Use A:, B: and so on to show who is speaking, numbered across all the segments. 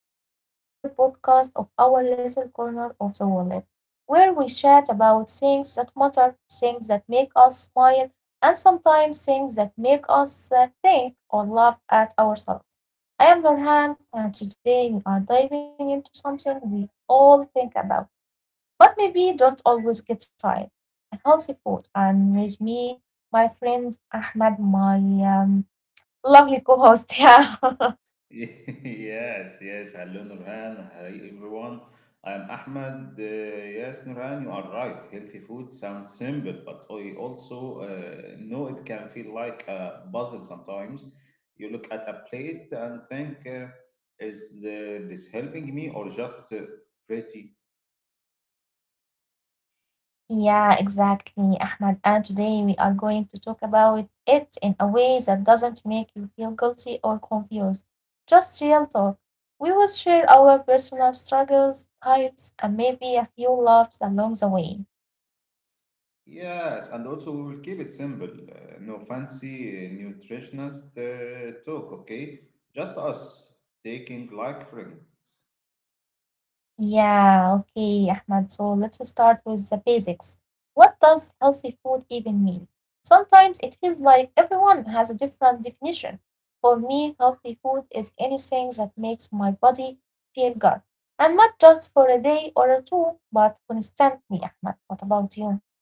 A: welcome to another podcast of our little corner of the wallet, where we chat about things that matter, things that make us smile, and sometimes things that make us think or laugh at ourselves. I am Nurhan, and today we are diving into something we all think about, but maybe don't always get right a healthy food. And with me, my friend Ahmed, my um, lovely co host. Yeah.
B: Yes, yes. Hello, Nurhan. Hi, everyone. I am Ahmed. Yes, Nurhan, you are right. Healthy food sounds simple, but I also know it can feel like a puzzle sometimes. You look at a plate and think, is this helping me or just pretty?
A: Yeah, exactly, Ahmad. And today we are going to talk about it in a way that doesn't make you feel guilty or confused. Just real talk. We will share our personal struggles, types, and maybe a few laughs along the way.
B: Yes, and also we will keep it simple. No fancy nutritionist talk, okay? Just us taking like friends.
A: Yeah, okay, Ahmad. So let's start with the basics. What does healthy food even mean? Sometimes it feels like everyone has a different definition. For me, healthy food is anything that makes my body feel good. And not just for a day or two, but constantly, Ahmad. What about you?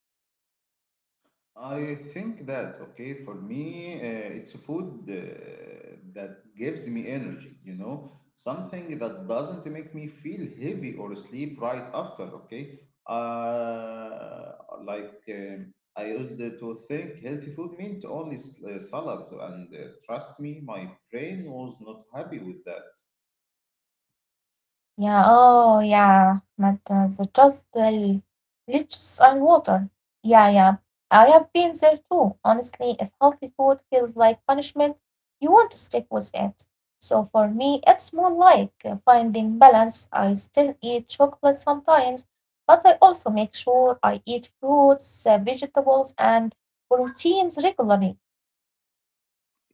B: I think okay, for me, it's a food that gives me energy, you know, something that doesn't make me feel heavy or sleep right after, okay? Uh, like, I used to think healthy food meant only salads, and trust me, my brain was not happy with that.
A: Yeah, oh yeah, but the just the leeches and water. Yeah, yeah. I have been there too. Honestly, if healthy food feels like punishment, you want to stick with it. So for me, it's more like finding balance. I still eat chocolate sometimes, but I also make sure I eat fruits, vegetables, and proteins regularly.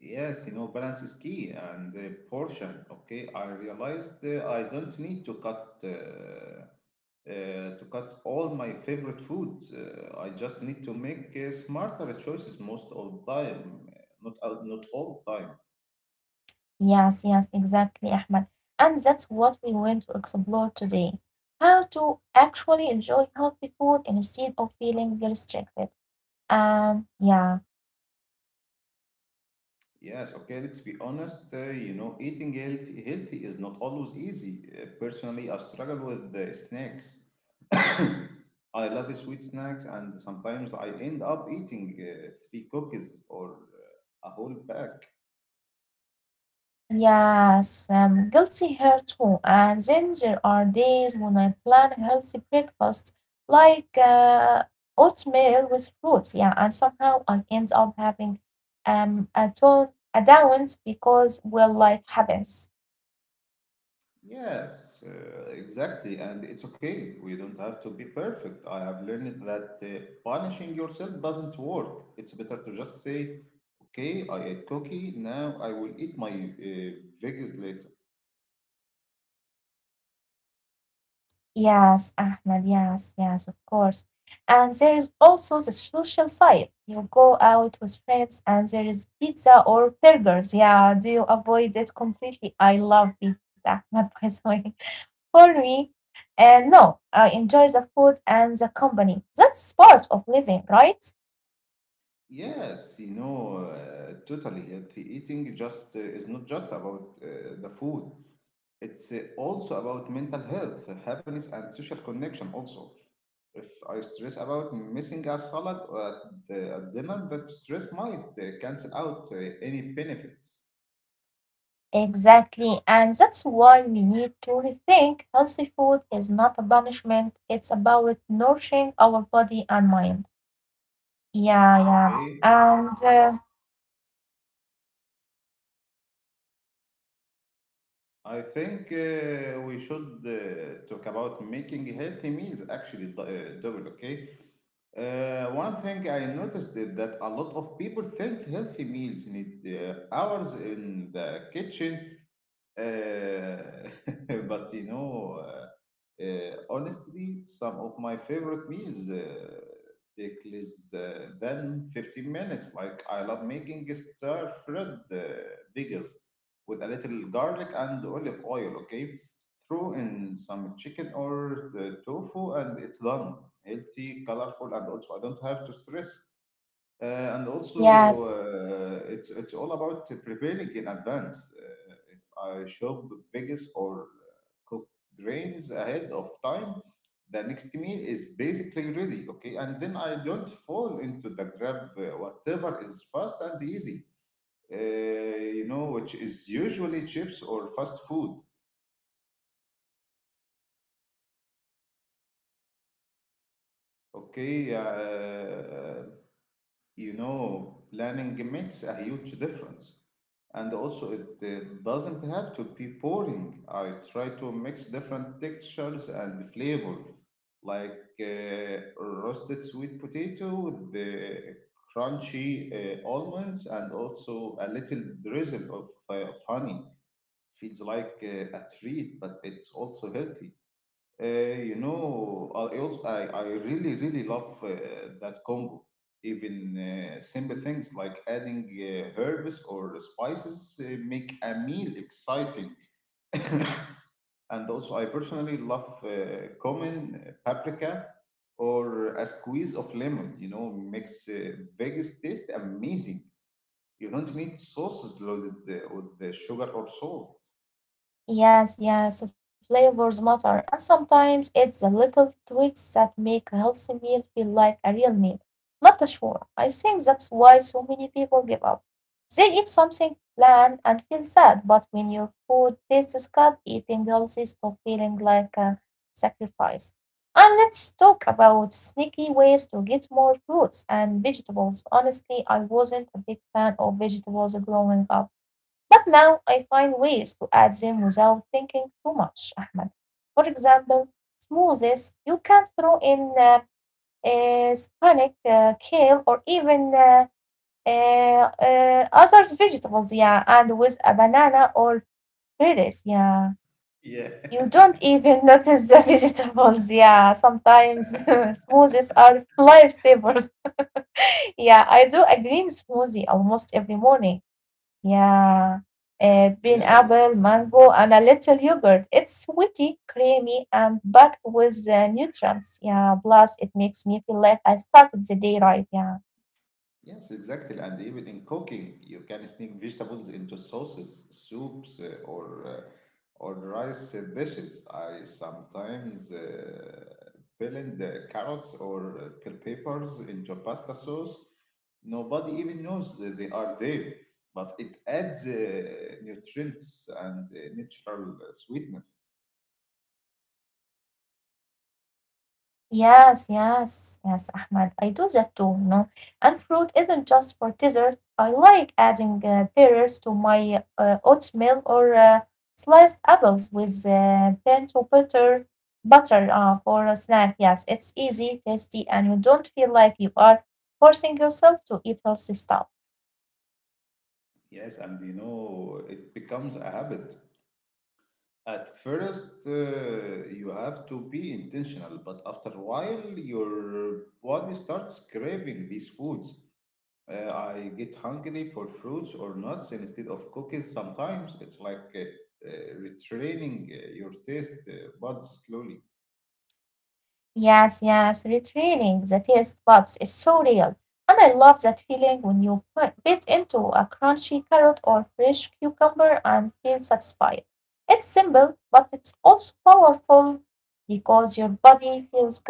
B: Yes, you know, balance is key and portion, okay? I realized I don't need to cut all my favorite foods. I just need to make smarter choices most of the time, not not all time.
A: Yes, yes, exactly, Ahmed. And that's what we want to explore today. How to actually enjoy healthy food instead of feeling restricted. Yeah,
B: Yes, okay. Let's be honest. You know, eating healthy is not always easy. Personally, I struggle with snacks. I love sweet snacks, and sometimes I end up eating three cookies or a whole pack.
A: yes, guilty here too. And then there are days when I plan a healthy breakfast like oatmeal with fruits. Yeah, and somehow I end up having a ton a down because well life happens.
B: Yes, exactly. And it's okay. We don't have to be perfect. I have learned that punishing yourself doesn't work. It's better to just say, okay, I ate cookie. Now I will eat my veggies later.
A: Yes, Ahmed, yes, yes, of course. And there is also the social side. You go out with friends and there is pizza or burgers. Yeah, do you avoid it completely? I love pizza, Ahmed, by the way. For me, no, I enjoy the food and the company. That's part of living, right?
B: Yes, you know, totally healthy eating just is not just about the food. It's also about mental health, happiness, and social connection. Also, if I stress about missing a salad at at dinner, that stress might cancel out any benefits.
A: Exactly. And that's why we need to rethink healthy food is not a punishment, it's about nourishing our body and mind. Yeah, yeah.
B: Okay,
A: And
B: I think we should talk about making healthy meals actually double. Okay, one thing I noticed is that a lot of people think healthy meals need hours in the kitchen, uh, but you know. Honestly, some of my favorite meals take less than 15 minutes. Like I love making stir-fried bagels with a little garlic and olive oil. Okay, throw in some chicken or the tofu, and it's done. Healthy, colorful, and also I don't have to stress uh, and also,
A: yes,
B: it's all about preparing in advance. If I shop biggest or cook grains ahead of time, the next meal is basically ready. Okay, and then I don't fall into the grab whatever is fast and easy. You know, which is usually chips or fast food. Okay. You know, planning makes a huge difference. And also, it doesn't have to be boring. I try to mix different textures and flavor, like roasted sweet potato with the crunchy almonds and also a little drizzle of honey. Feels like a treat, but it's also healthy. You know, I also I really love that combo. Even simple things like adding herbs or spices make a meal exciting. And also, I personally love cumin, paprika, or a squeeze of lemon. You know, makes biggest taste amazing. You don't need sauces loaded with the sugar or salt.
A: yes, yes, flavors matter, and sometimes it's the little tweaks that make a healthy meal feel like a real meal, not a chore. I think that's why so many people give up. They eat something bland and feel sad, but when your food tastes good, eating healthy stops feeling like a sacrifice. And let's talk about sneaky ways to get more fruits and vegetables. Honestly, I wasn't a big fan of vegetables growing up. But now I find ways to add them without thinking too much, Ahmed. For example, smoothies, you can throw in spinach, kale, or even uh, other vegetables, yeah, and with a banana or berries, yeah.
B: Yeah.
A: You don't even notice the vegetables, yeah. Sometimes smoothies are lifesavers. Yeah, I do a green smoothie almost every morning. Yeah, pineapple,
B: Yes.
A: mango, and a little yogurt. It's sweety, creamy, and packed with nutrients. Yeah, plus it makes me feel like I started the day right. Yeah.
B: Yes, exactly. And even in cooking, you can sneak vegetables into sauces, soups, or rice dishes. I sometimes blend the carrots or bell peppers into pasta sauce. Nobody even knows that they are there, but it adds nutrients and natural sweetness.
A: Yes, yes, yes, Ahmad. I do that too, you know. And fruit isn't just for dessert. I like adding pears to my oatmeal or sliced apples with bento butter for a snack. Yes, it's easy, tasty, and you don't feel like you are forcing yourself to eat healthy stuff.
B: Yes, and you know, it becomes a habit. At first, you have to be intentional, but after a while, your body starts craving these foods. I get hungry for fruits or nuts instead of cookies sometimes. It's like retraining your taste buds slowly.
A: Yes, yes, retraining the taste buds is so real. And I love that feeling when you put- bit into a crunchy carrot or fresh cucumber and feel satisfied. It's simple, but it's also powerful because your body feels good.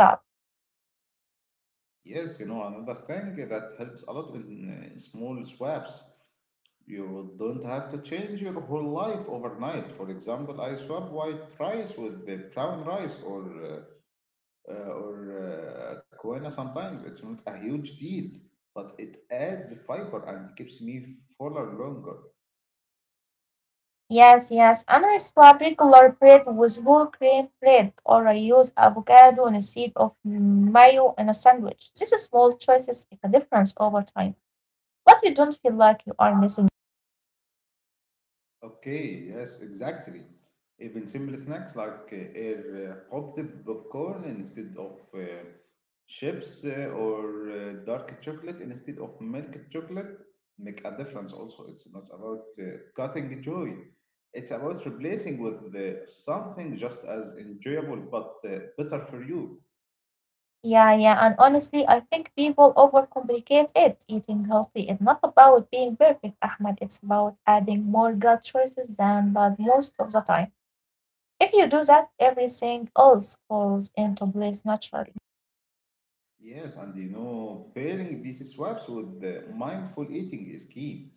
B: Yes, you know, another thing that helps a lot in small swaps. You don't have to change your whole life overnight. For example, I swap white rice with the brown rice or uh, or quinoa sometimes. It's not a huge deal, but it adds fiber and keeps me fuller longer.
A: Yes, yes, and I swap regular bread with whole grain bread or I use avocado instead of mayo in a sandwich. These small choices make a difference over time, but you don't feel like you are missing.
B: Okay, yes, exactly. Even simple snacks like air popped popcorn instead of chips or dark chocolate instead of milk chocolate make a difference. Also, it's not about cutting joy, it's about replacing with something just as enjoyable but better for you.
A: Yeah, yeah. And honestly, I think people overcomplicate it. Eating healthy is not about being perfect, Ahmed. It's about adding more good choices than bad most of the time. If you do that, everything else falls into place naturally.
B: Yes, and you know, pairing these swaps with the mindful eating is key.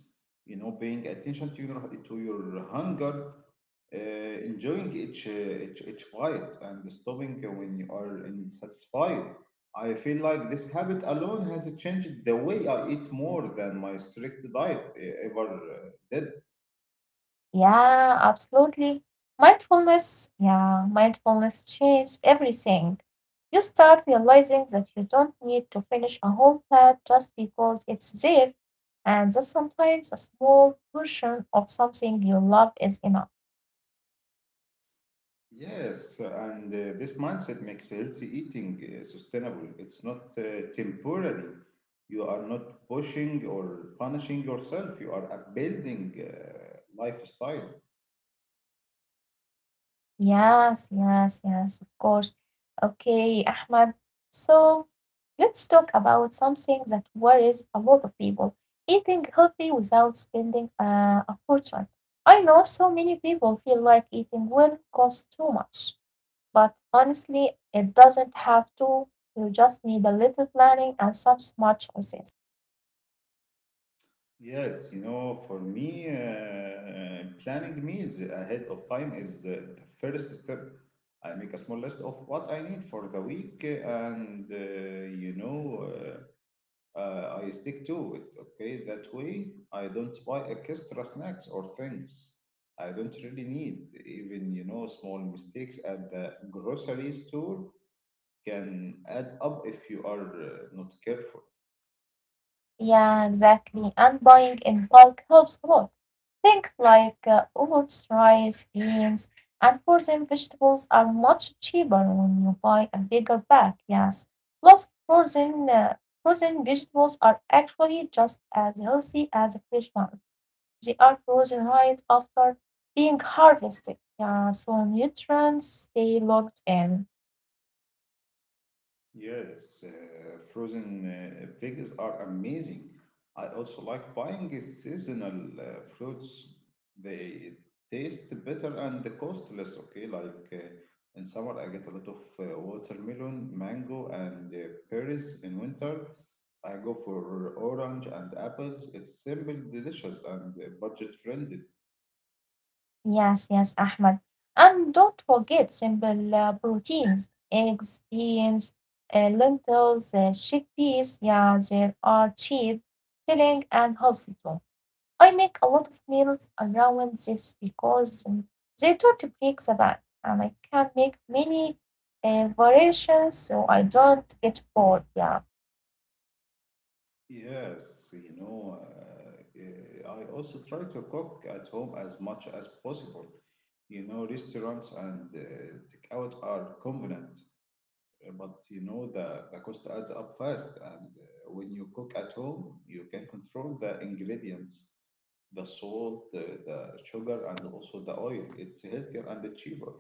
B: You know, paying attention to your hunger, enjoying each bite, and stopping when you are unsatisfied. I feel like this habit alone has changed the way I eat more than my strict diet ever did.
A: Yeah, absolutely. Mindfulness, yeah, mindfulness changes everything. You start realizing that you don't need to finish a whole plate just because it's there, and that sometimes a small portion of something you love is enough.
B: Yes, and this mindset makes healthy eating sustainable. It's not temporary. You are not pushing or punishing yourself. You are upbuilding lifestyle.
A: Yes, yes, yes, of course. Okay, Ahmad. So let's talk about something that worries a lot of people eating healthy without spending a fortune. I know so many people feel like eating well costs too much, but honestly, it doesn't have to. You just need a little planning and some smart choices.
B: Yes, you know, for me, planning meals ahead of time is the first step. I make a small list of what I need for the week, and I stick to it, okay? That way, I don't buy extra snacks or things I don't really need. Even, you know, small mistakes at the grocery store can add up if you are not careful.
A: Yeah, exactly. And buying in bulk helps a lot. Think like oats, rice, beans, and frozen vegetables are much cheaper when you buy a bigger bag. Yes. Plus, frozen vegetables are actually just as healthy as fresh ones. They are frozen right after being harvested. Yeah, so nutrients stay locked in.
B: Yes, frozen veggies are amazing. I also like buying seasonal fruits. They taste better and the cost less, okay? Like in summer, I get a lot of watermelon, mango, and pears. In winter, I go for orange and apples. It's simple, delicious, and budget friendly.
A: Yes, yes, Ahmed. And don't forget simple proteins, eggs, beans, lentils, chickpeas. Yeah, they are cheap, filling, and healthy too. I make a lot of meals around this because they don't break the bank, and I can make many variations so I don't get bored. Yeah.
B: Yes, you know, I also try to cook at home as much as possible. You know, restaurants and takeout are convenient, but you know, the cost adds up fast. And when you cook at home, you can control the ingredients, the salt, the sugar, and also the oil. It's healthier and cheaper.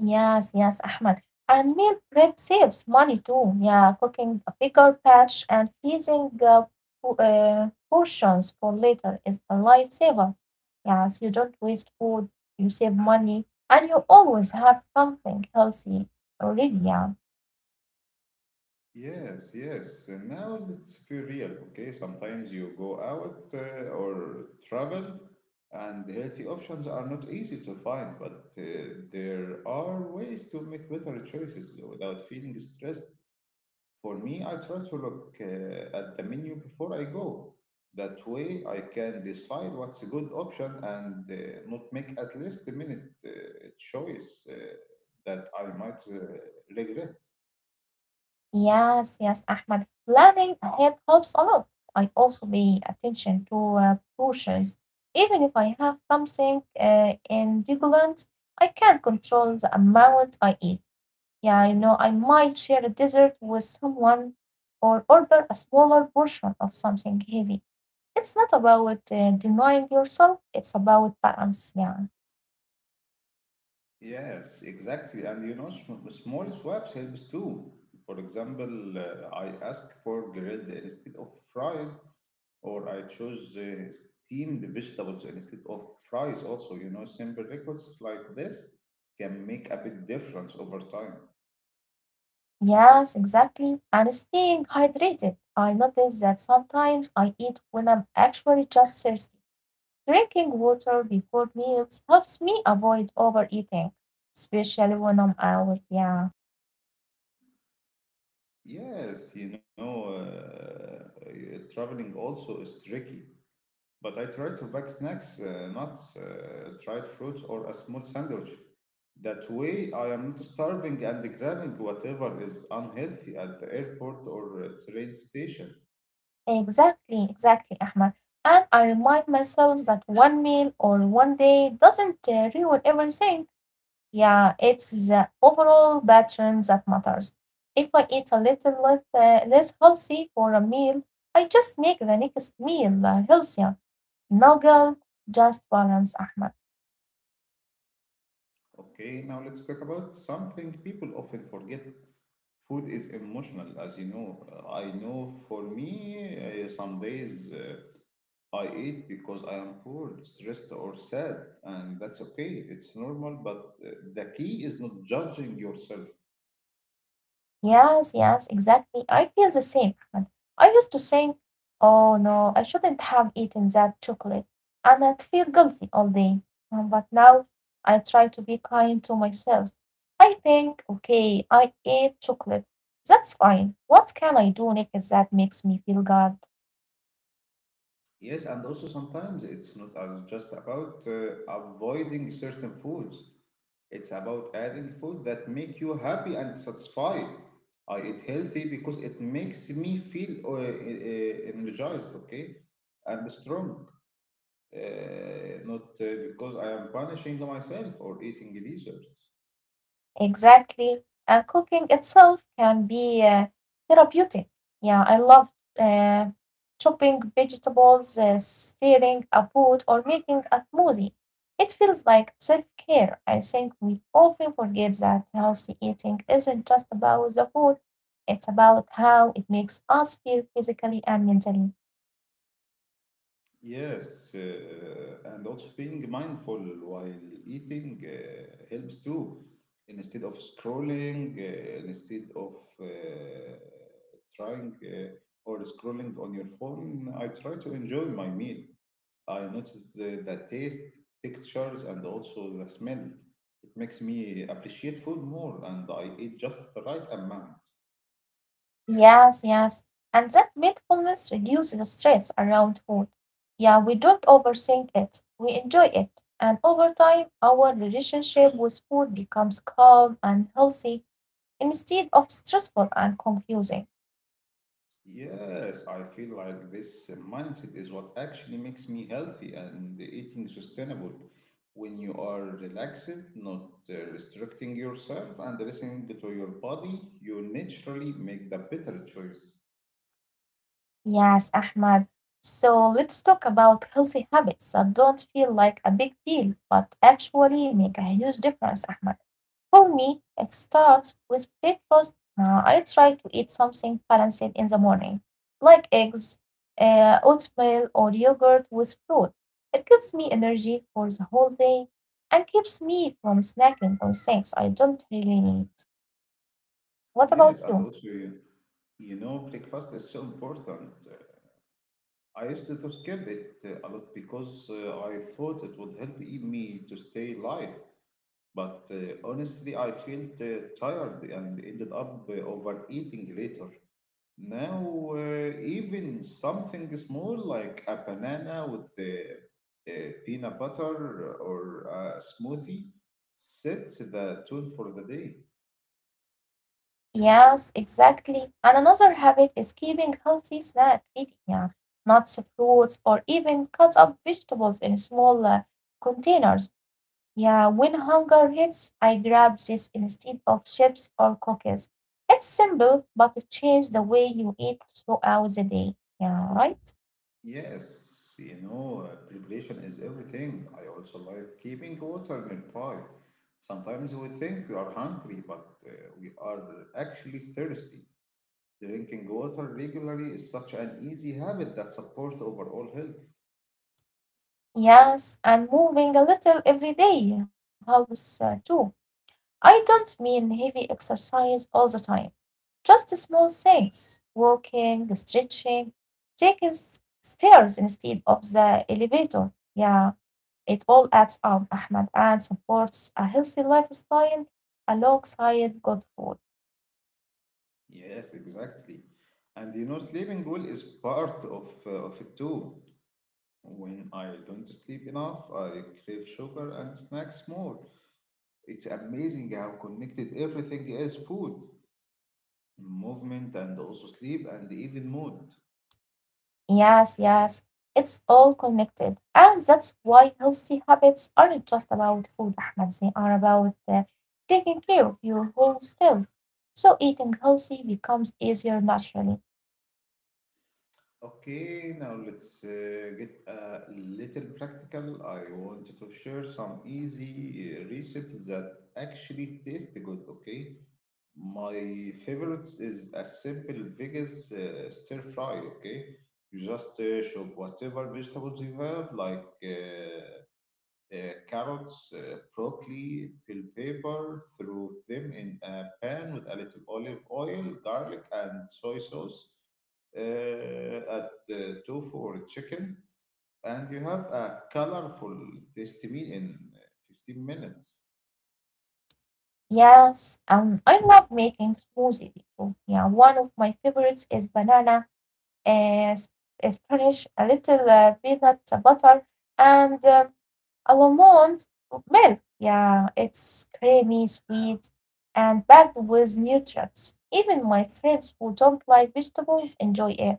A: Yes, yes, Ahmad. And meal prep saves money too. Yeah, cooking a bigger batch and freezing portions for later is a lifesaver. Yes, you don't waste food, you save money, and you always have something healthy already. Yeah.
B: Yes, yes. And now let's be real, okay? Sometimes you go out or travel, and healthy options are not easy to find, but there are ways to make better choices without feeling stressed. For me, I try to look at the menu before I go. That way, I can decide what's a good option and not make at least a minute choice that I might regret.
A: Yes, yes, Ahmed. Planning ahead helps a lot. I also pay attention to portions. Even if I have something indigestion, I can control the amount I eat. Yeah, you know, I might share a dessert with someone or order a smaller portion of something heavy. It's not about denying yourself, it's about balance. Yeah.
B: Yes, exactly. And you know, small swaps helps too. For example, I ask for grilled instead of fried, or I choose steamed vegetables instead of fries also. You know, simple requests like this can make a big difference over time.
A: Yes, exactly. And staying hydrated. I notice that sometimes I eat when I'm actually just thirsty. Drinking water before meals helps me avoid overeating, especially when I'm out. Yeah,
B: Yes, you know, traveling also is tricky. But I tried to pack snacks, nuts, dried fruit, or a small sandwich. That way, I am not starving and grabbing whatever is unhealthy at the airport or train station.
A: exactly, exactly, Ahmed. And I remind myself that one meal or one day doesn't ruin everything. Yeah, it's the overall pattern that matters. If I eat a little less, less healthy for a meal, I just make the next meal healthier. No guilt, just balance, Ahmed.
B: Okay, now let's talk about something people often forget. Food is emotional, as you know. I know for me, some days I eat because I am bored, stressed, or sad, and that's okay. It's normal, but the key is not judging yourself.
A: Yes, yes, exactly. I feel the same, Ahmed. I used to think, oh no, I shouldn't have eaten that chocolate, and I'd feel guilty all day. But now I try to be kind to myself. I think, okay, I ate chocolate. That's fine. What can I do next that makes me feel good?
B: Yes, and also sometimes it's not just about avoiding certain foods. It's about having food that make you happy and satisfied. I eat healthy because it makes me feel energized, okay, and strong. Not because I am punishing myself or eating desserts.
A: Exactly. And cooking itself can be therapeutic. Yeah, I love uh, chopping vegetables, stirring a pot, or making a smoothie. It feels like self care. I think we often forget that healthy eating isn't just about the food, it's about how it makes us feel physically and mentally.
B: Yes, and also being mindful while eating helps too. Instead of scrolling, instead of uh, trying or scrolling on your phone, I try to enjoy my meal. I notice the taste, textures, and also the smell. It makes me appreciate food more, and I eat just the right amount.
A: Yes, yes. And that mindfulness reduces stress around food. Yeah, we don't overthink it. We enjoy it. And over time, our relationship with food becomes calm and healthy instead of stressful and confusing.
B: Yes, I feel like this mindset is what actually makes me healthy and eating sustainable. When you are relaxed, not restricting yourself, and listening to your body, you naturally make the better choice.
A: Yes, Ahmad. So let's talk about healthy habits that don't feel like a big deal, but actually make a huge difference, Ahmad. For me, it starts with breakfast. I try to eat something balanced in the morning, like eggs, oatmeal, or yogurt with fruit. It gives me energy for the whole day and keeps me from snacking on things I don't really need. What
B: Yes,
A: about
B: and
A: you?
B: also, you know, breakfast is so important. I used to skip it a lot because I thought it would help eat me to stay light. But honestly, I felt tired and ended up overeating later. Now, even something small like a banana with the peanut butter or a smoothie sets the tone for the day.
A: Yes, exactly. And another habit is keeping healthy snack ready. Yeah, nuts, fruits, or even cut up vegetables in small containers. Yeah, when hunger hits, I grab this instead of chips or cookies. It's simple, but it changes the way you eat throughout the day. Yeah, right?
B: Yes, you know, preparation is everything. I also like keeping water nearby. Sometimes we think we are hungry, but we are actually thirsty. Drinking water regularly is such an easy habit that supports overall health.
A: Yes, and moving a little every day helps too. I don't mean heavy exercise all the time, just small things walking, stretching, taking stairs instead of the elevator. Yeah, it all adds up, Ahmed, and supports a healthy lifestyle alongside good food.
B: Yes, exactly. And you know, sleeping well is part of it too. When I don't sleep enough, I crave sugar and snacks more. It's amazing how connected everything is: food, movement, and also sleep, and even mood.
A: Yes, yes, it's all connected. And that's why healthy habits aren't just about food, Ahmed. They are about taking care of your whole self. So eating healthy becomes easier naturally.
B: Okay, now let's get a little practical. I want to share some easy recipes that actually taste good, okay? My favorites is a simple Vegas stir fry, okay? You just chop whatever vegetables you have, like carrots, broccoli, bell pepper, threw them in a pan with a little olive oil, garlic, and soy sauce. Add tofu or chicken, and you have a colorful tasty meal in 15 minutes.
A: Yes, I love making smoothie too. Yeah, one of my favorites is banana, uh, sp- spinach, a little peanut butter, and almond milk, yeah, it's creamy, sweet, and packed with nutrients. Even my friends who don't like vegetables enjoy it.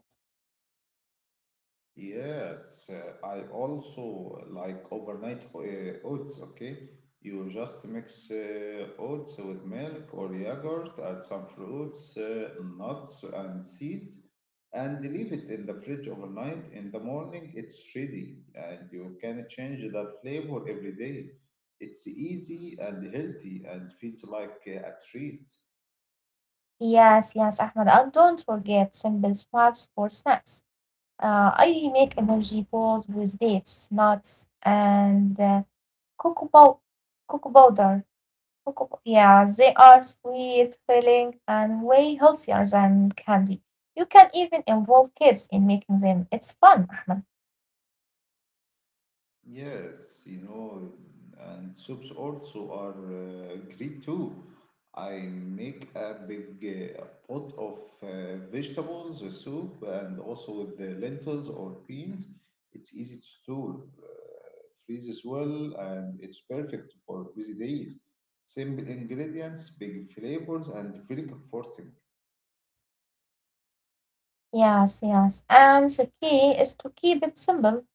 B: Yes, I also like overnight oats, okay? You just mix oats with milk or yogurt, add some fruits, nuts, and seeds, and leave it in the fridge overnight. In the morning, it's ready, and you can change the flavor every day. It's easy and healthy and feels like a treat.
A: Yes, yes, Ahmed, and don't forget simple swaps for snacks. I make energy balls with dates, nuts, and cocoa, pow- cocoa powder. Yeah, they are sweet, filling, and way healthier than candy. You can even involve kids in making them. It's fun, Ahmed.
B: Yes, you know, and soups also are great too. I make a big pot of vegetables soup and also with the lentils or beans. It's easy to store, freezes well, and it's perfect for busy days. Simple ingredients, big flavors, and very comforting.
A: Yes, yes. And the key is to keep it simple.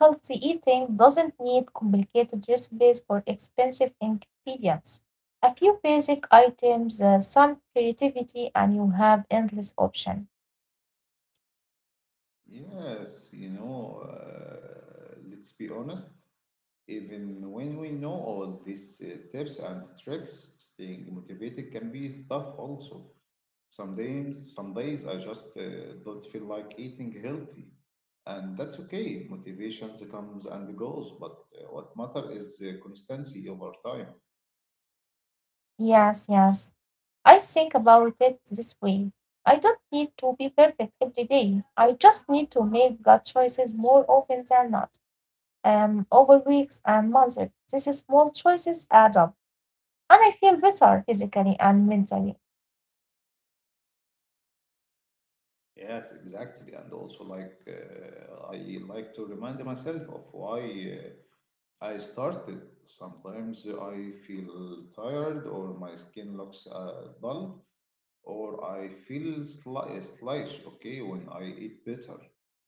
A: Healthy eating doesn't need complicated recipes or expensive ingredients. A few basic items, some creativity, and you have endless option.
B: Yes, you know, let's be honest. Even when we know all these tips and tricks, staying motivated can be tough also. Some days, I just don't feel like eating healthy, and that's okay. Motivation comes and goes, but what matter is constancy over time.
A: Yes, yes. I think about it this way. I don't need to be perfect every day. I just need to make good choices more often than not. Over weeks and months, these small choices add up, and I feel better physically and mentally.
B: Yes, exactly. And also, like, I like to remind myself of why I started. Sometimes I feel tired or my skin looks dull, or I feel sluggish, okay, when I eat better,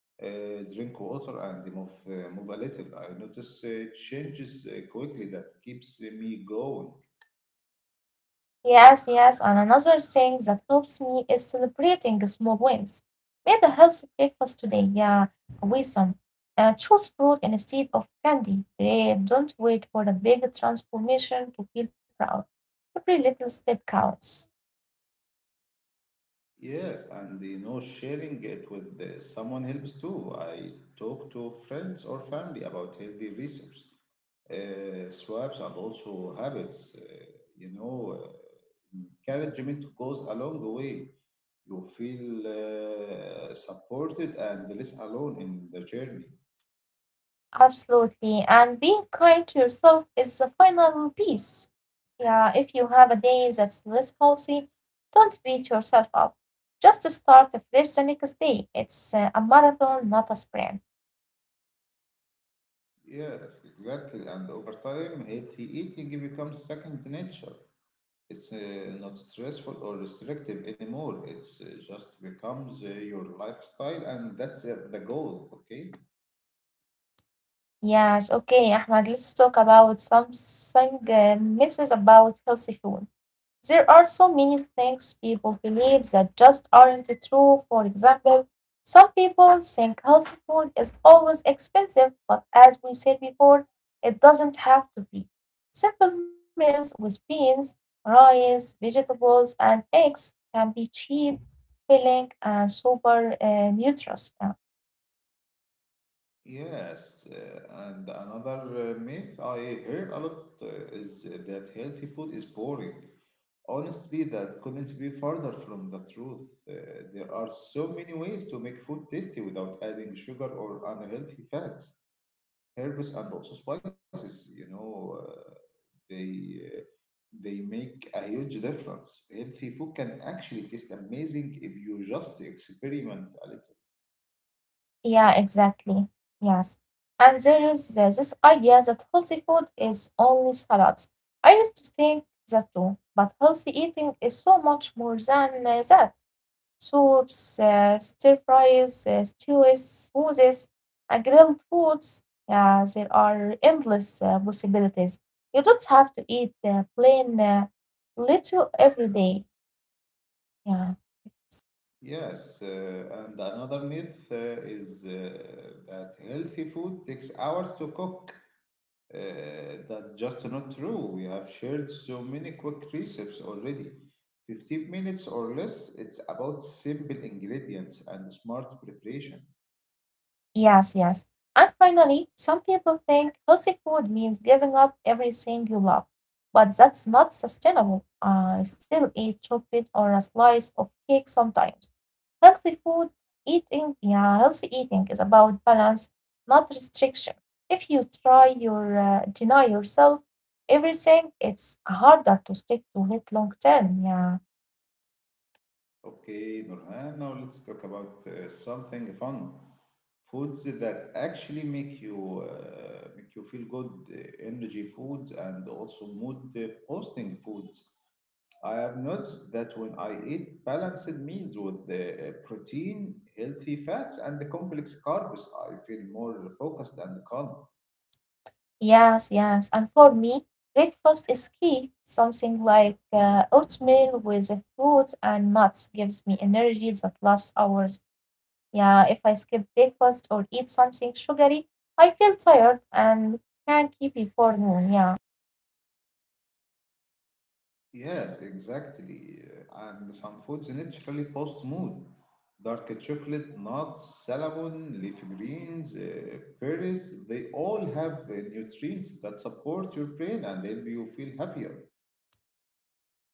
B: drink water, and move a little. I notice changes quickly that keeps me going.
A: Yes, yes, and another thing that helps me is celebrating small wins. Made a healthy breakfast today, yeah, awesome. Choose fruit instead of candy. Great, don't wait for a big transformation to feel proud. Every little step counts.
B: Yes, and you know, sharing it with someone helps too. I talk to friends or family about healthy research, swaps, and also habits. You know, uh, Encouragement goes a long way. You feel supported and less alone in the journey.
A: Absolutely, and being kind to yourself is the final piece. Yeah, if you have a day that's less healthy, don't beat yourself up. Just start fresh the next day. It's a marathon, not a sprint.
B: Yes, exactly. And over time, healthy eating becomes second nature. It's not stressful or restrictive anymore. It's just becomes your lifestyle, and that's the goal. Okay.
A: Yes, okay, Ahmad, let's talk about something myths about healthy food. There are so many things people believe that just aren't true. For example, some people think healthy food is always expensive, but as we said before, it doesn't have to be. Simple meals with beans, rice, vegetables, and eggs can be cheap, filling, and super nutritious.
B: Yes, and another myth I heard a lot is that healthy food is boring. Honestly, that couldn't be further from the truth. There are so many ways to make food tasty without adding sugar or unhealthy fats, herbs, and also spices. You know, they uh, they make a huge difference. Healthy food can actually taste amazing if you just experiment a little.
A: Yeah, exactly. Yes. And there is this idea that healthy food is only salads. I used to think that too, but healthy eating is so much more than that. Soups, stir fries, stews, smoothies, and grilled foods. Yeah, there are endless possibilities. You don't have to eat plain little every day. Yeah.
B: Yes, and another myth is that healthy food takes hours to cook. That's just not true. We have shared so many quick recipes already. 15 minutes or less, it's about simple ingredients and smart preparation.
A: Yes, yes. And finally, some people think healthy food means giving up everything you love, but that's not sustainable. I still eat chocolate or a slice of cake sometimes. Healthy food eating, yeah, healthy eating is about balance, not restriction. If you try your deny yourself everything, it's harder to stick to it long term. Yeah.
B: Okay, Nurhan, now let's talk about something fun. Foods that actually make you feel good, energy foods and also mood boosting foods. I have noticed that when I eat balanced meals with the protein, healthy fats, and the complex carbs, I feel more focused and calm.
A: Yes, yes. And for me, breakfast is key. Something like oatmeal with the fruits and nuts gives me energy that lasts hours. Yeah, if I skip breakfast or eat something sugary, I feel tired and cranky before noon. Yeah.
B: Yes, exactly. And some foods naturally boost mood. Dark chocolate, nuts, salmon, leafy greens, berries, they all have nutrients that support your brain and help you feel happier.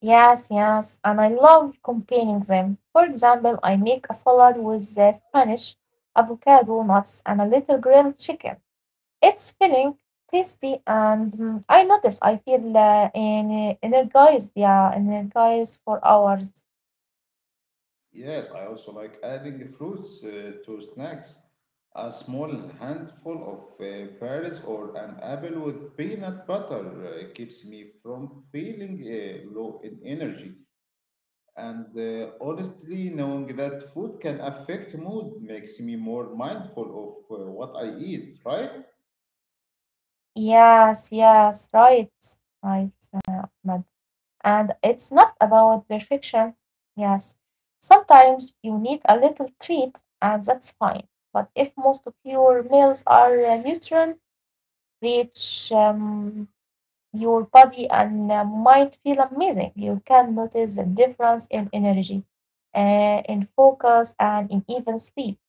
A: Yes, yes. And I love combining them. For example, I make a salad with Spanish, avocado, nuts, and a little grilled chicken. It's filling, tasty, and mm, I notice I feel energized. Yeah, energized for hours.
B: Yes, I also like adding fruits to snacks. A small handful of berries or an apple with peanut butter keeps me from feeling low in energy. And honestly, knowing that food can affect mood makes me more mindful of what I eat, right?
A: Yes, yes, right, right, Ahmed. And it's not about perfection. Yes, sometimes you need a little treat, and that's fine. But if most of your meals are nutrient rich, your body and mind feel amazing. You can notice the difference in energy, in focus, and in even sleep.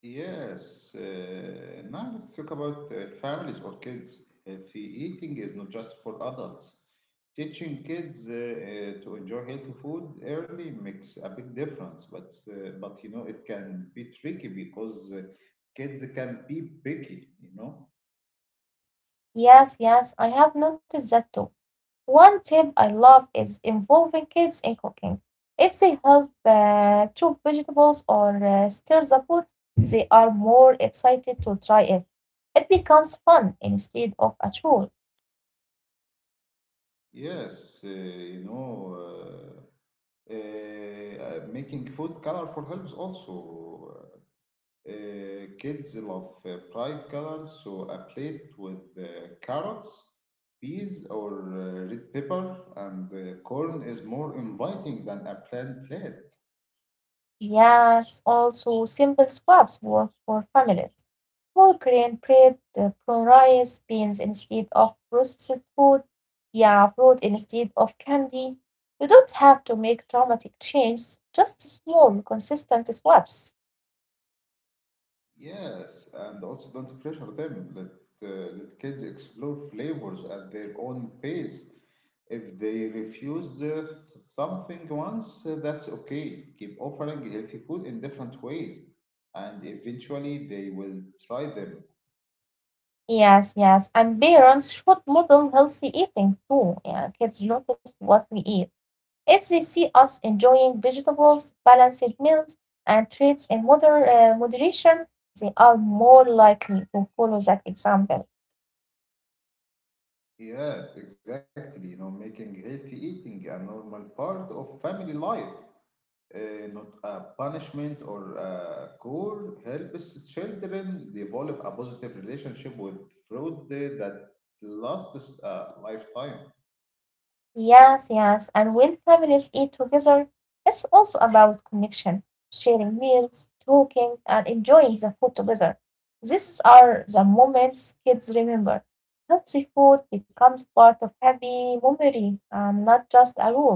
B: Yes. Now let's talk about families or kids. Healthy eating is not just for adults. Teaching kids to enjoy healthy food early makes a big difference, but you know it can be tricky because kids can be picky. You know.
A: Yes, yes, I have noticed that too. One tip I love is involving kids in cooking. If they help chop vegetables or stir the food, they are more excited to try it. It becomes fun instead of a chore.
B: Yes. Uh, Making food colorful helps also. Kids love bright colors, so a plate with carrots, peas, or red pepper and corn is more inviting than a plain plate.
A: Yes, also simple swaps work for families. Whole grain bread, brown rice, beans instead of processed food. Yeah, fruit instead of candy. You don't have to make dramatic changes, just small, consistent swaps.
B: Yes, and also don't pressure them. Let kids explore flavors at their own pace. If they refuse something once, that's okay. Keep offering healthy food in different ways, and eventually they will try them.
A: Yes, yes, and parents should model healthy eating too. Yeah, kids notice what we eat. If they see us enjoying vegetables, balanced meals, and treats in moderation, they are more likely to follow that example.
B: Yes, exactly. You know, making healthy eating a normal part of family life, not a punishment or a chore, helps children develop a positive relationship with food that lasts a lifetime.
A: Yes, yes. And when families eat together, it's also about connection, sharing meals, talking, and enjoying the food together. These are the moments kids remember. Healthy food becomes part of happy memory and not just a rule.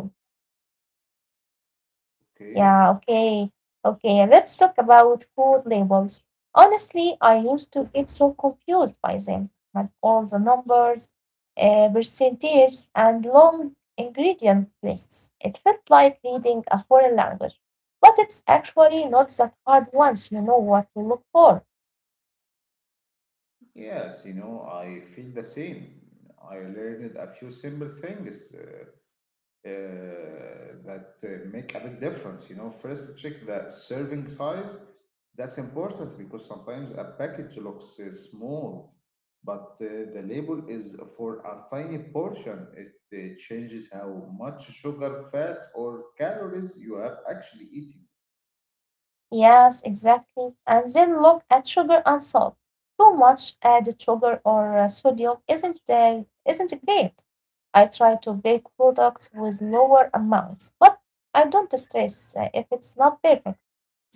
A: Yeah,
B: Okay.
A: okay. Okay, let's talk about food labels. Honestly, I used to get so confused by them, like all the numbers, percentages, and long ingredient lists. It felt like reading a foreign language, but it's actually not that hard once you know what to look for.
B: Yes, you know, I feel the same. I learned a few simple things uh, uh, that uh, make a big difference. You know, first check the serving size. That's important because sometimes a package looks small, but the label is for a tiny portion. It changes how much sugar, fat, or calories you have actually eaten.
A: Yes, exactly. And then look at sugar and salt. Too much added sugar or sodium isn't great. I try to bake products with lower amounts, but I don't stress if it's not perfect.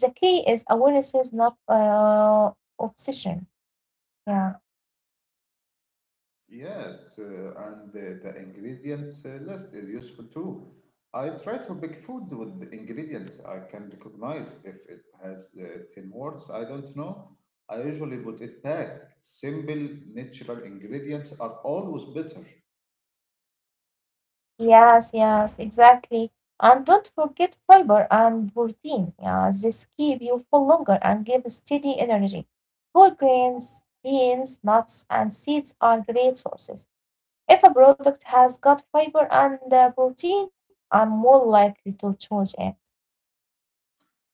A: The key is awareness, not obsession. Yeah.
B: Yes, and the ingredients list is useful too. I try to pick foods with the ingredients I can recognize. If it has 10 words I don't know, I usually put it back. Simple, natural ingredients are always better.
A: Yes, yes, exactly. And don't forget fiber and protein. Yeah, this keep you full longer and give steady energy. Whole grains, beans, nuts, and seeds are great sources. If a product has got fiber and protein, I'm more likely to choose it.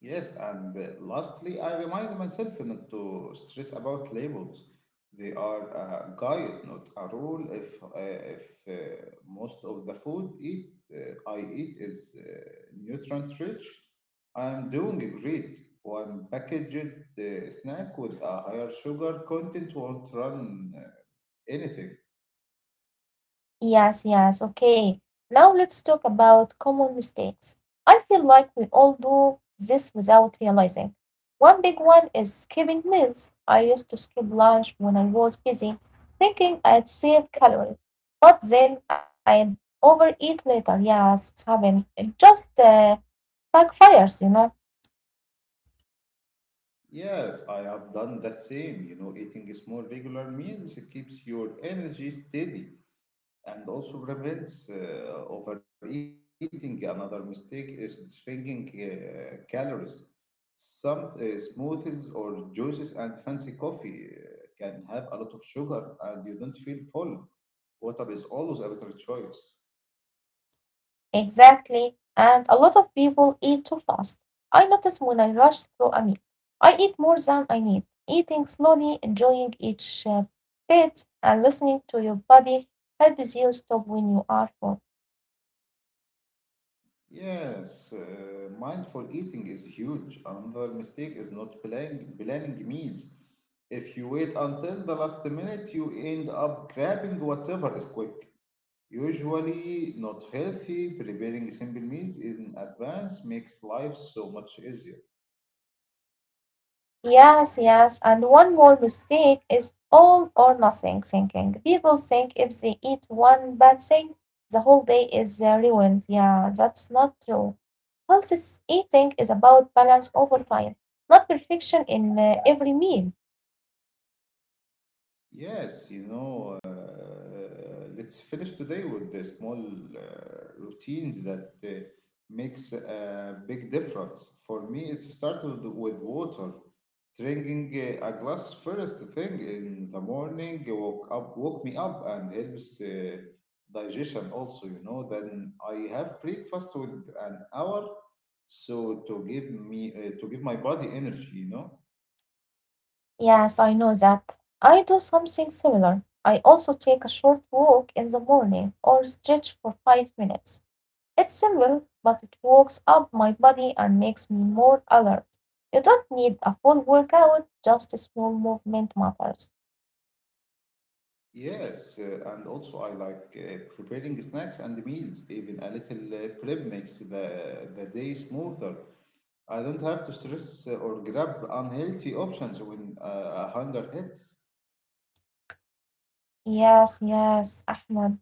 B: Yes, and lastly, I remind myself not to stress about labels. They are a guide, not a rule. If most of the food eat I eat is nutrient rich, I am doing great. One packaged snack with a higher sugar content won't run anything.
A: Yes, yes, okay. Now let's talk about common mistakes. I feel like we all do this without realizing. One big one is skipping meals. I used to skip lunch when I was busy, thinking I'd save calories. But then I'd overeat later. Yes, it's happened. It just backfires, you know.
B: Yes, I have done the same. You know, eating small regular meals keeps your energy steady and also prevents overeating. Another mistake is drinking calories. Some smoothies or juices and fancy coffee can have a lot of sugar and you don't feel full. Water is always a better choice.
A: Exactly, and a lot of people eat too fast. I notice when I rush through a meal, I eat more than I need. Eating slowly, enjoying each bit, and listening to your body helps you stop when you are full.
B: Yes, mindful eating is huge. Another mistake is not planning meals. If you wait until the last minute, you end up grabbing whatever is quick. Usually not healthy, preparing simple meals in advance makes life so much easier.
A: Yes, yes. And one more mistake is all or nothing thinking. People think if they eat one bad thing, the whole day is ruined. Yeah, that's not true. Eating is about balance over time, not perfection in every meal.
B: Yes, you know, let's finish today with the small routines that makes a big difference. For me, it started with water. Drinking a glass first thing in the morning woke me up and helps digestion also, you know. Then I have breakfast with an hour, so to give me to give my body energy, you know.
A: Yes, I know that. I do something similar. I also take a short walk in the morning or stretch for 5 minutes. It's simple, but it wakes up my body and makes me more alert. You don't need a full workout, just a small movement matters.
B: Yes, and also I like preparing snacks and meals. Even a little prep makes the day smoother. I don't have to stress or grab unhealthy options when hunger hits.
A: Yes, yes, Ahmed.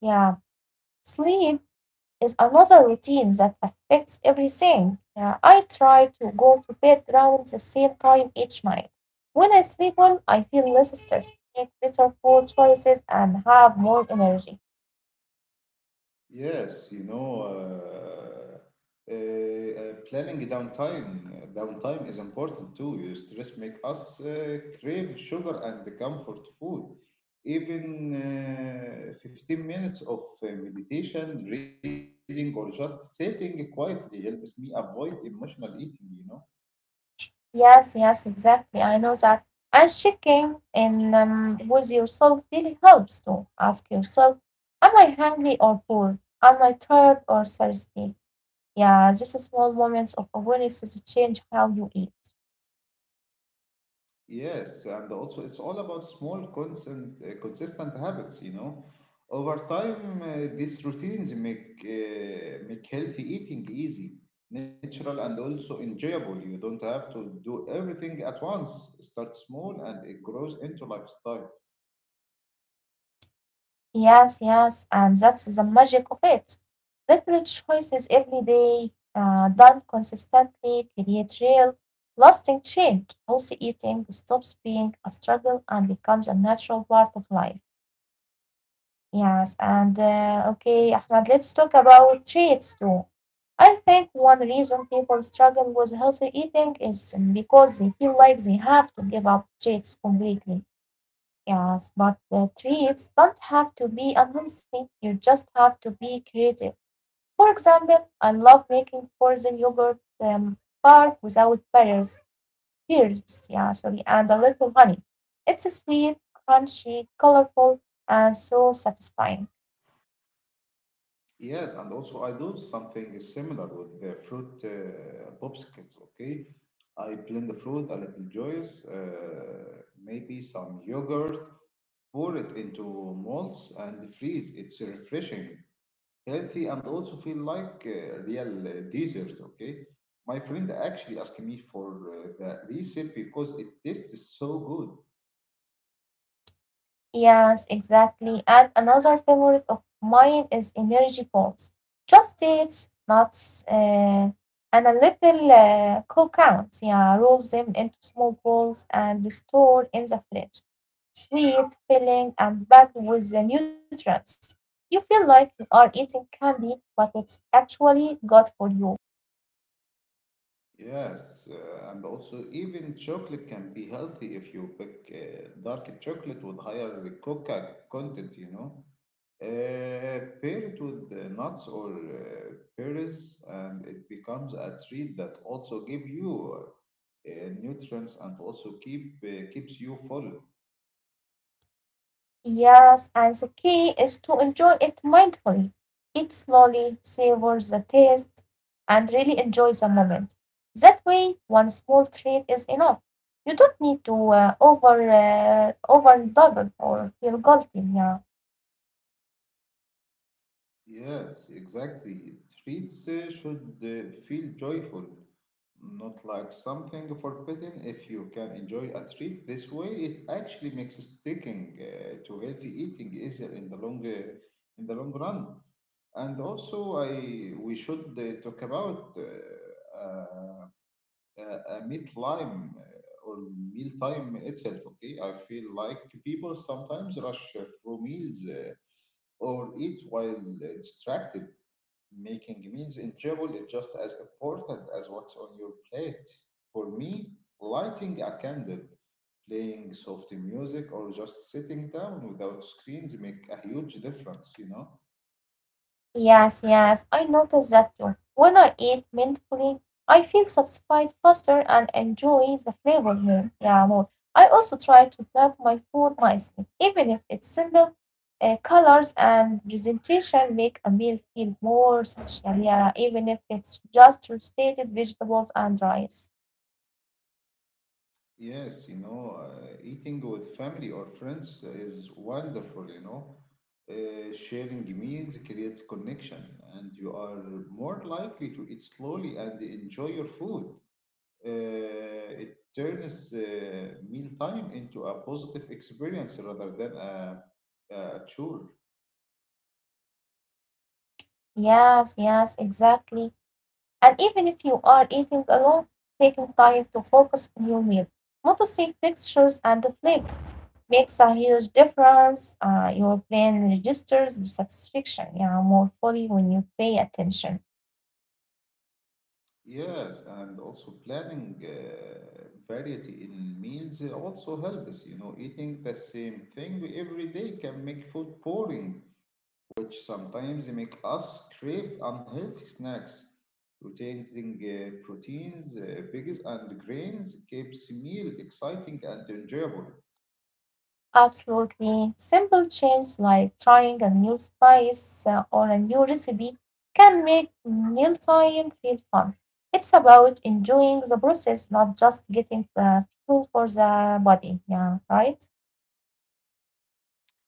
A: Yeah. Sleep is another routine that affects everything. Yeah, I try to go to bed around the same time each night. When I sleep well, I feel less stressed, make better food choices, and have more energy.
B: Yes, you know, planning downtime is important too. You stress make us crave sugar and the comfort food. Even 15 minutes of meditation, reading, or just sitting quietly helps me avoid emotional eating, you know.
A: Yes, yes, exactly. I know that. And checking in with yourself really helps too. Ask yourself, am I hungry or poor? Am I tired or thirsty? Yeah, these small moments of awareness change how you eat.
B: Yes, and also it's all about small, consistent habits, you know. Over time, these routines make healthy eating easy, natural, and also enjoyable. You don't have to do everything at once. Start small, and it grows into lifestyle.
A: Yes, yes, and that's the magic of it. Little choices every day, done consistently, create real, lasting change. Healthy eating stops being a struggle and becomes a natural part of life. Yes, and okay,
B: Yes.
A: Ahmad, let's talk about traits too. I think one reason people struggle with healthy eating is because they feel like they have to give up treats completely. Yes, but the treats don't have to be unhealthy. You just have to be creative. For example, I love making frozen yogurt bar without pears, yeah, sorry, and a little honey. It's sweet, crunchy, colorful, and so satisfying.
B: Yes, and also I do something similar with the fruit popsicles, okay? I blend the fruit, a little juice, maybe some yogurt, pour it into molds and freeze. It's refreshing, healthy, and also feel like real dessert. Okay, my friend actually asked me for the recipe because it tastes so good.
A: Yes, exactly. And another favorite of mine is energy balls. Just dates, nuts, and a little cocoons. Yeah, roll them into small balls and store in the fridge. Sweet, filling, and packed with the nutrients. You feel like you are eating candy, but it's actually good for you.
B: Yes, and also even chocolate can be healthy if you pick dark chocolate with higher coca content. You know. Pair it with nuts or berries, and it becomes a treat that also give you nutrients and also keeps you full.
A: Yes, and the key is to enjoy it mindfully. Eat slowly, savor the taste, and really enjoy the moment. That way, one small treat is enough. You don't need to overdouble or feel guilty. Yeah.
B: Yes, exactly. Treats should feel joyful, not like something forbidden. If you can enjoy a treat this way, it actually makes sticking to healthy eating easier in the long run. And also, I we should talk about a meat lime or meal time itself. Okay, I feel like people sometimes rush through meals or eat while distracted. Making meals in travel is just as important as what's on your plate. For me, lighting a candle, playing soft music, or just sitting down without screens make a huge difference, you know?
A: Yes, yes, I notice that too. When I eat mindfully, I feel satisfied faster and enjoy the flavor more. Yeah, more. I also try to plan my food nicely, even if it's simple. Colors and presentation make a meal feel more special. Yeah, even if it's just roasted vegetables and rice.
B: Yes, you know, eating with family or friends is wonderful, you know? Sharing meals creates connection, and you are more likely to eat slowly and enjoy your food. It turns mealtime into a positive experience rather than a chore.
A: Yes, yes, exactly. And even if you are eating alone, taking time to focus on your meal, noticing textures and the flavors makes a huge difference. Your brain registers the satisfaction, yeah, more fully when you pay attention.
B: Yes, and also planning variety in meals also helps. You know, eating the same thing every day can make food boring, which sometimes make us crave unhealthy snacks. Rotating proteins, veggies, and grains keeps meal exciting and enjoyable.
A: Absolutely. Simple changes like trying a new spice or a new recipe can make mealtime feel fun. It's about enjoying the process, not just getting fuel for the body. Yeah, right?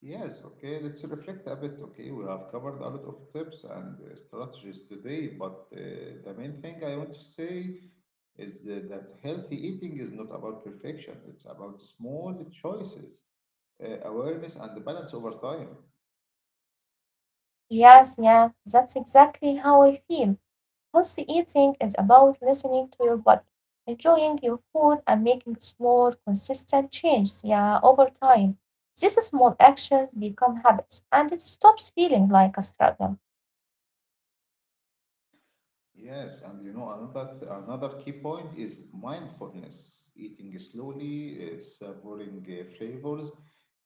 B: Yes, okay, let's reflect a bit. Okay, we have covered a lot of tips and strategies today, but the main thing I want to say is that healthy eating is not about perfection, it's about small choices, awareness, and the balance over time.
A: Yes, yeah, that's exactly how I feel. Healthy eating is about listening to your body, enjoying your food, and making small, consistent changes, yeah, over time. These small actions become habits, and it stops feeling like a struggle.
B: Yes, and you know, another key point is mindfulness, eating slowly, savoring flavors,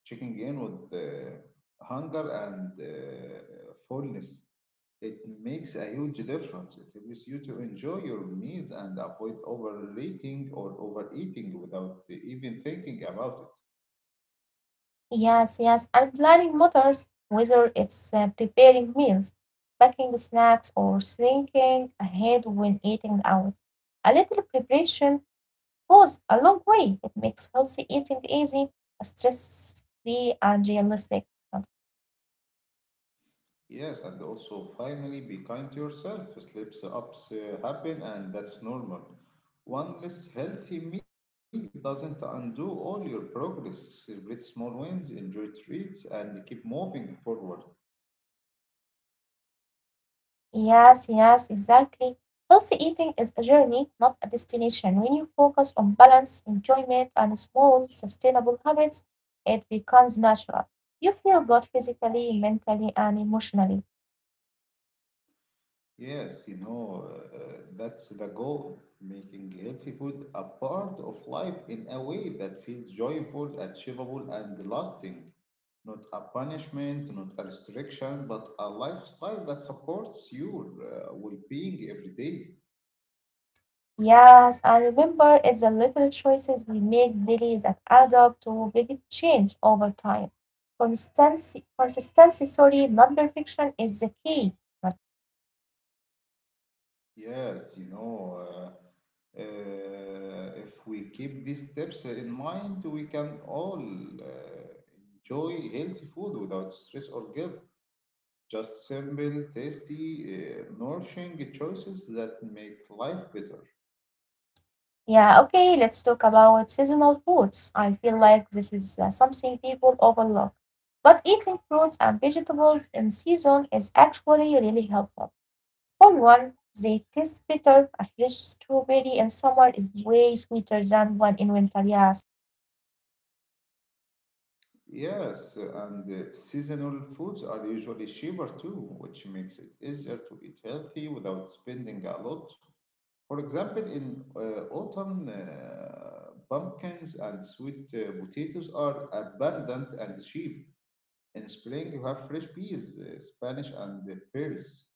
B: checking in with hunger and fullness. It makes a huge difference. It helps you to enjoy your meals and avoid overeating or overeating without even thinking about it.
A: Yes, yes, and planning matters, whether it's preparing meals, packing snacks, or thinking ahead when eating out. A little preparation goes a long way. It makes healthy eating easy, stress free, and realistic.
B: Yes, and also finally be kind to yourself. Slips ups happen, and that's normal. One less healthy meal doesn't undo all your progress. Celebrate small wins, enjoy treats, and keep moving forward.
A: Yes, yes, exactly. Healthy eating is a journey, not a destination. When you focus on balance, enjoyment, and small, sustainable habits, it becomes natural. You feel good physically, mentally, and emotionally.
B: Yes, you know, that's the goal, making healthy food a part of life in a way that feels joyful, achievable, and lasting. Not a punishment, not a restriction, but a lifestyle that supports your well being every day.
A: Yes, I remember it's the little choices we make daily that add up to big change over time. Consistency, sorry, not perfection is the key. But
B: Yes, you know, if we keep these tips in mind, we can all enjoy healthy food without stress or guilt. Just simple, tasty, nourishing choices that make life better.
A: yeah, okay, let's talk about seasonal foods. I feel like this is something people overlook. But eating fruits and vegetables in season is actually really helpful. For one, they taste better. A fresh strawberry in summer is way sweeter than one in winter. Yes.
B: Yes, and seasonal foods are usually cheaper too, which makes it easier to eat healthy without spending a lot. For example, in autumn, pumpkins and sweet potatoes are abundant and cheap. In spring, you have fresh peas, Spanish, and pears.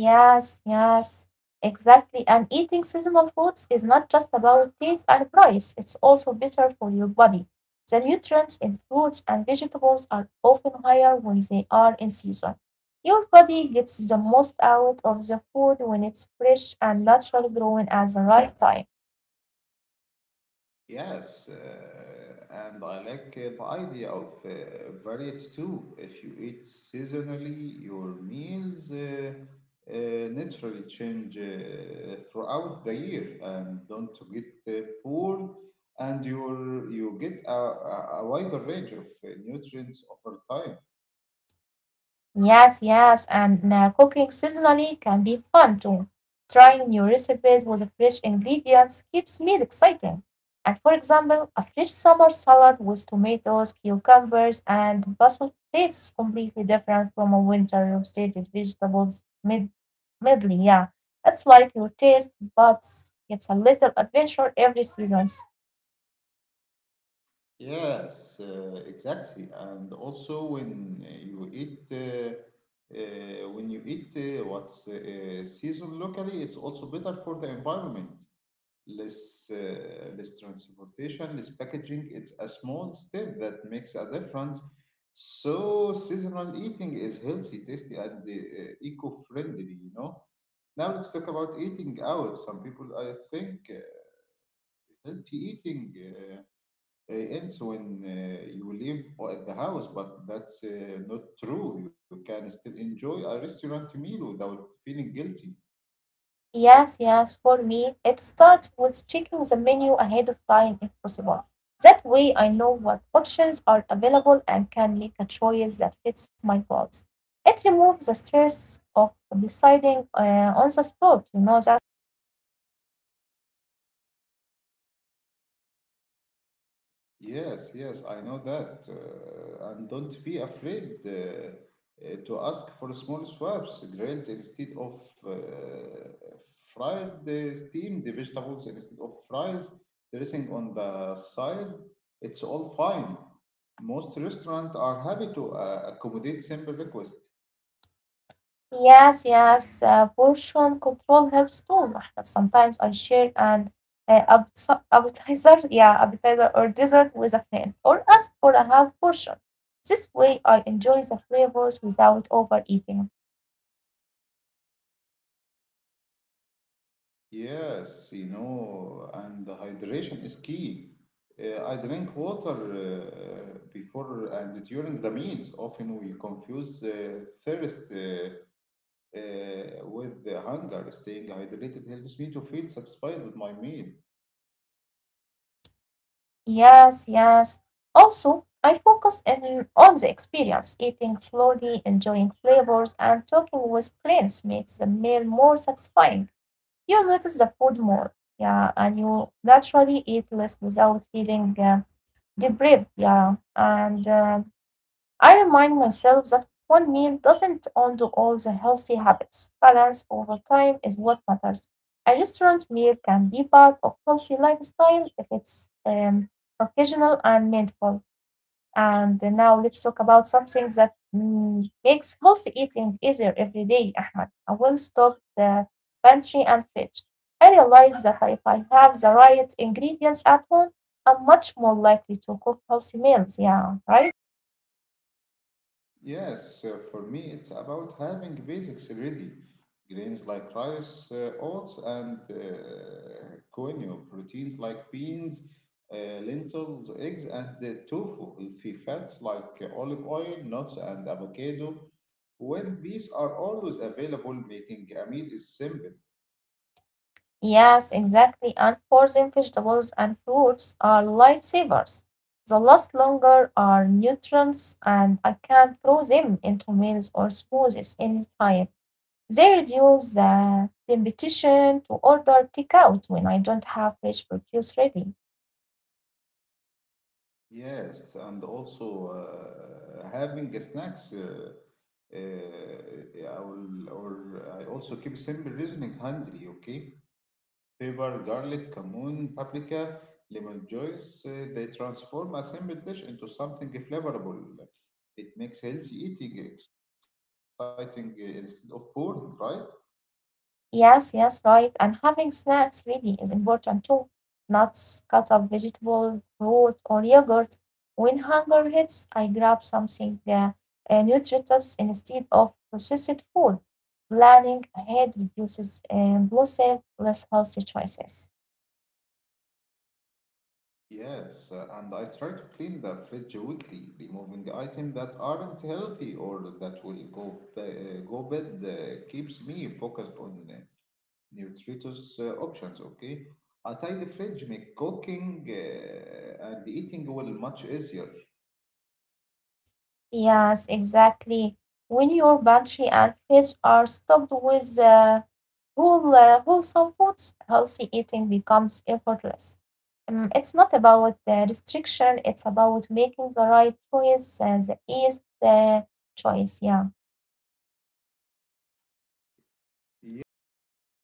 A: Yes, yes, exactly. And eating seasonal foods is not just about taste and price, it's also better for your body. The nutrients in fruits and vegetables are often higher when they are in season. Your body gets the most out of the food when it's fresh and naturally growing at the right time.
B: Yes, And I like the idea of variety too. If you eat seasonally, your meals uh, naturally change throughout the year, and don't get bored. And you get a wider range of nutrients over time.
A: Yes, yes, and cooking seasonally can be fun too. Trying new recipes with fresh ingredients keeps meal exciting. And for example, a fresh summer salad with tomatoes, cucumbers, and basil tastes completely different from a winter roasted vegetables medley. Yeah, it's like your taste, but it's a little adventure every season.
B: Yes, exactly. And also when you eat what's seasoned locally, it's also better for the environment. Less transportation, less packaging. It's a small step that makes a difference. So seasonal eating is healthy, tasty, and eco-friendly, you know. Now let's talk about eating out. Some people, I think, healthy eating uh, it ends when you the house, but that's not true. You can still enjoy a restaurant meal without feeling guilty.
A: Yes, yes, for me, it starts with checking the menu ahead of time if possible. That way, I know what options are available and can make a choice that fits my goals. It removes the stress of deciding on the spot, you know that.
B: Yes, yes, I know that. And don't be afraid to ask for small swaps, grilled instead of fried, steamed vegetables instead of fries, dressing on the side. It's all fine. Most restaurants are happy to accommodate simple requests.
A: Yes, yes, portion control helps too, Mahmoud. Sometimes I share an appetizer, yeah, appetizer or dessert with a friend, or ask for a half portion. This way, I enjoy the flavors without overeating.
B: Yes, you know, and the hydration is key. I drink water before and during the meals. Often we confuse thirst with the hunger. Staying hydrated helps me to feel satisfied with my meal.
A: Yes, yes. Also, I focus in on the experience. Eating slowly, enjoying flavors, and talking with friends makes the meal more satisfying. You notice the food more, yeah, and you naturally eat less without feeling deprived, yeah. And I remind myself that one meal doesn't undo all the healthy habits. Balance over time is what matters. A restaurant meal can be part of healthy lifestyle if it's occasional and mindful. And now let's talk about something that mm, makes healthy eating easier every day, Ahmed. I will stop the pantry and fridge. I realize that if I have the right ingredients at home, I'm much more likely to cook healthy meals. Yeah, right?
B: Yes, for me, it's about having basics ready. Grains like rice, oats, and quinoa. Proteins like beans, lentils, eggs, and tofu. Healthy fats like olive oil, nuts, and avocado. When these are always available, making a meal is simple.
A: Yes, exactly. And frozen vegetables and fruits are lifesavers. They last longer, are nutrients, and I can throw them into meals or smoothies anytime. They reduce the temptation to order takeout when I don't have fresh produce ready.
B: Yes, and also having a snacks. Uh, I will, or I also keep simple reasoning handy, okay? Pepper, garlic, cumin, paprika, lemon juice. They transform a simple dish into something flavorful. It makes healthy eating exciting instead of boring, right?
A: Yes, yes, right. And having snacks really is important too. Nuts, cut up vegetable, fruit, or yogurt. When hunger hits, I grab something nutritious instead of processed food. Planning ahead reduces impulsive, less healthy choices.
B: Yes, and I try to clean the fridge weekly, removing items that aren't healthy or that will go bad keeps me focused on nutritious options. Okay, a tidy fridge make cooking and eating well much easier.
A: Yes, exactly. When your pantry and fridge are stocked with whole, wholesome foods, healthy eating becomes effortless. It's not about the restriction, it's about making the right choice, the easiest choice. Yeah.
B: Yeah,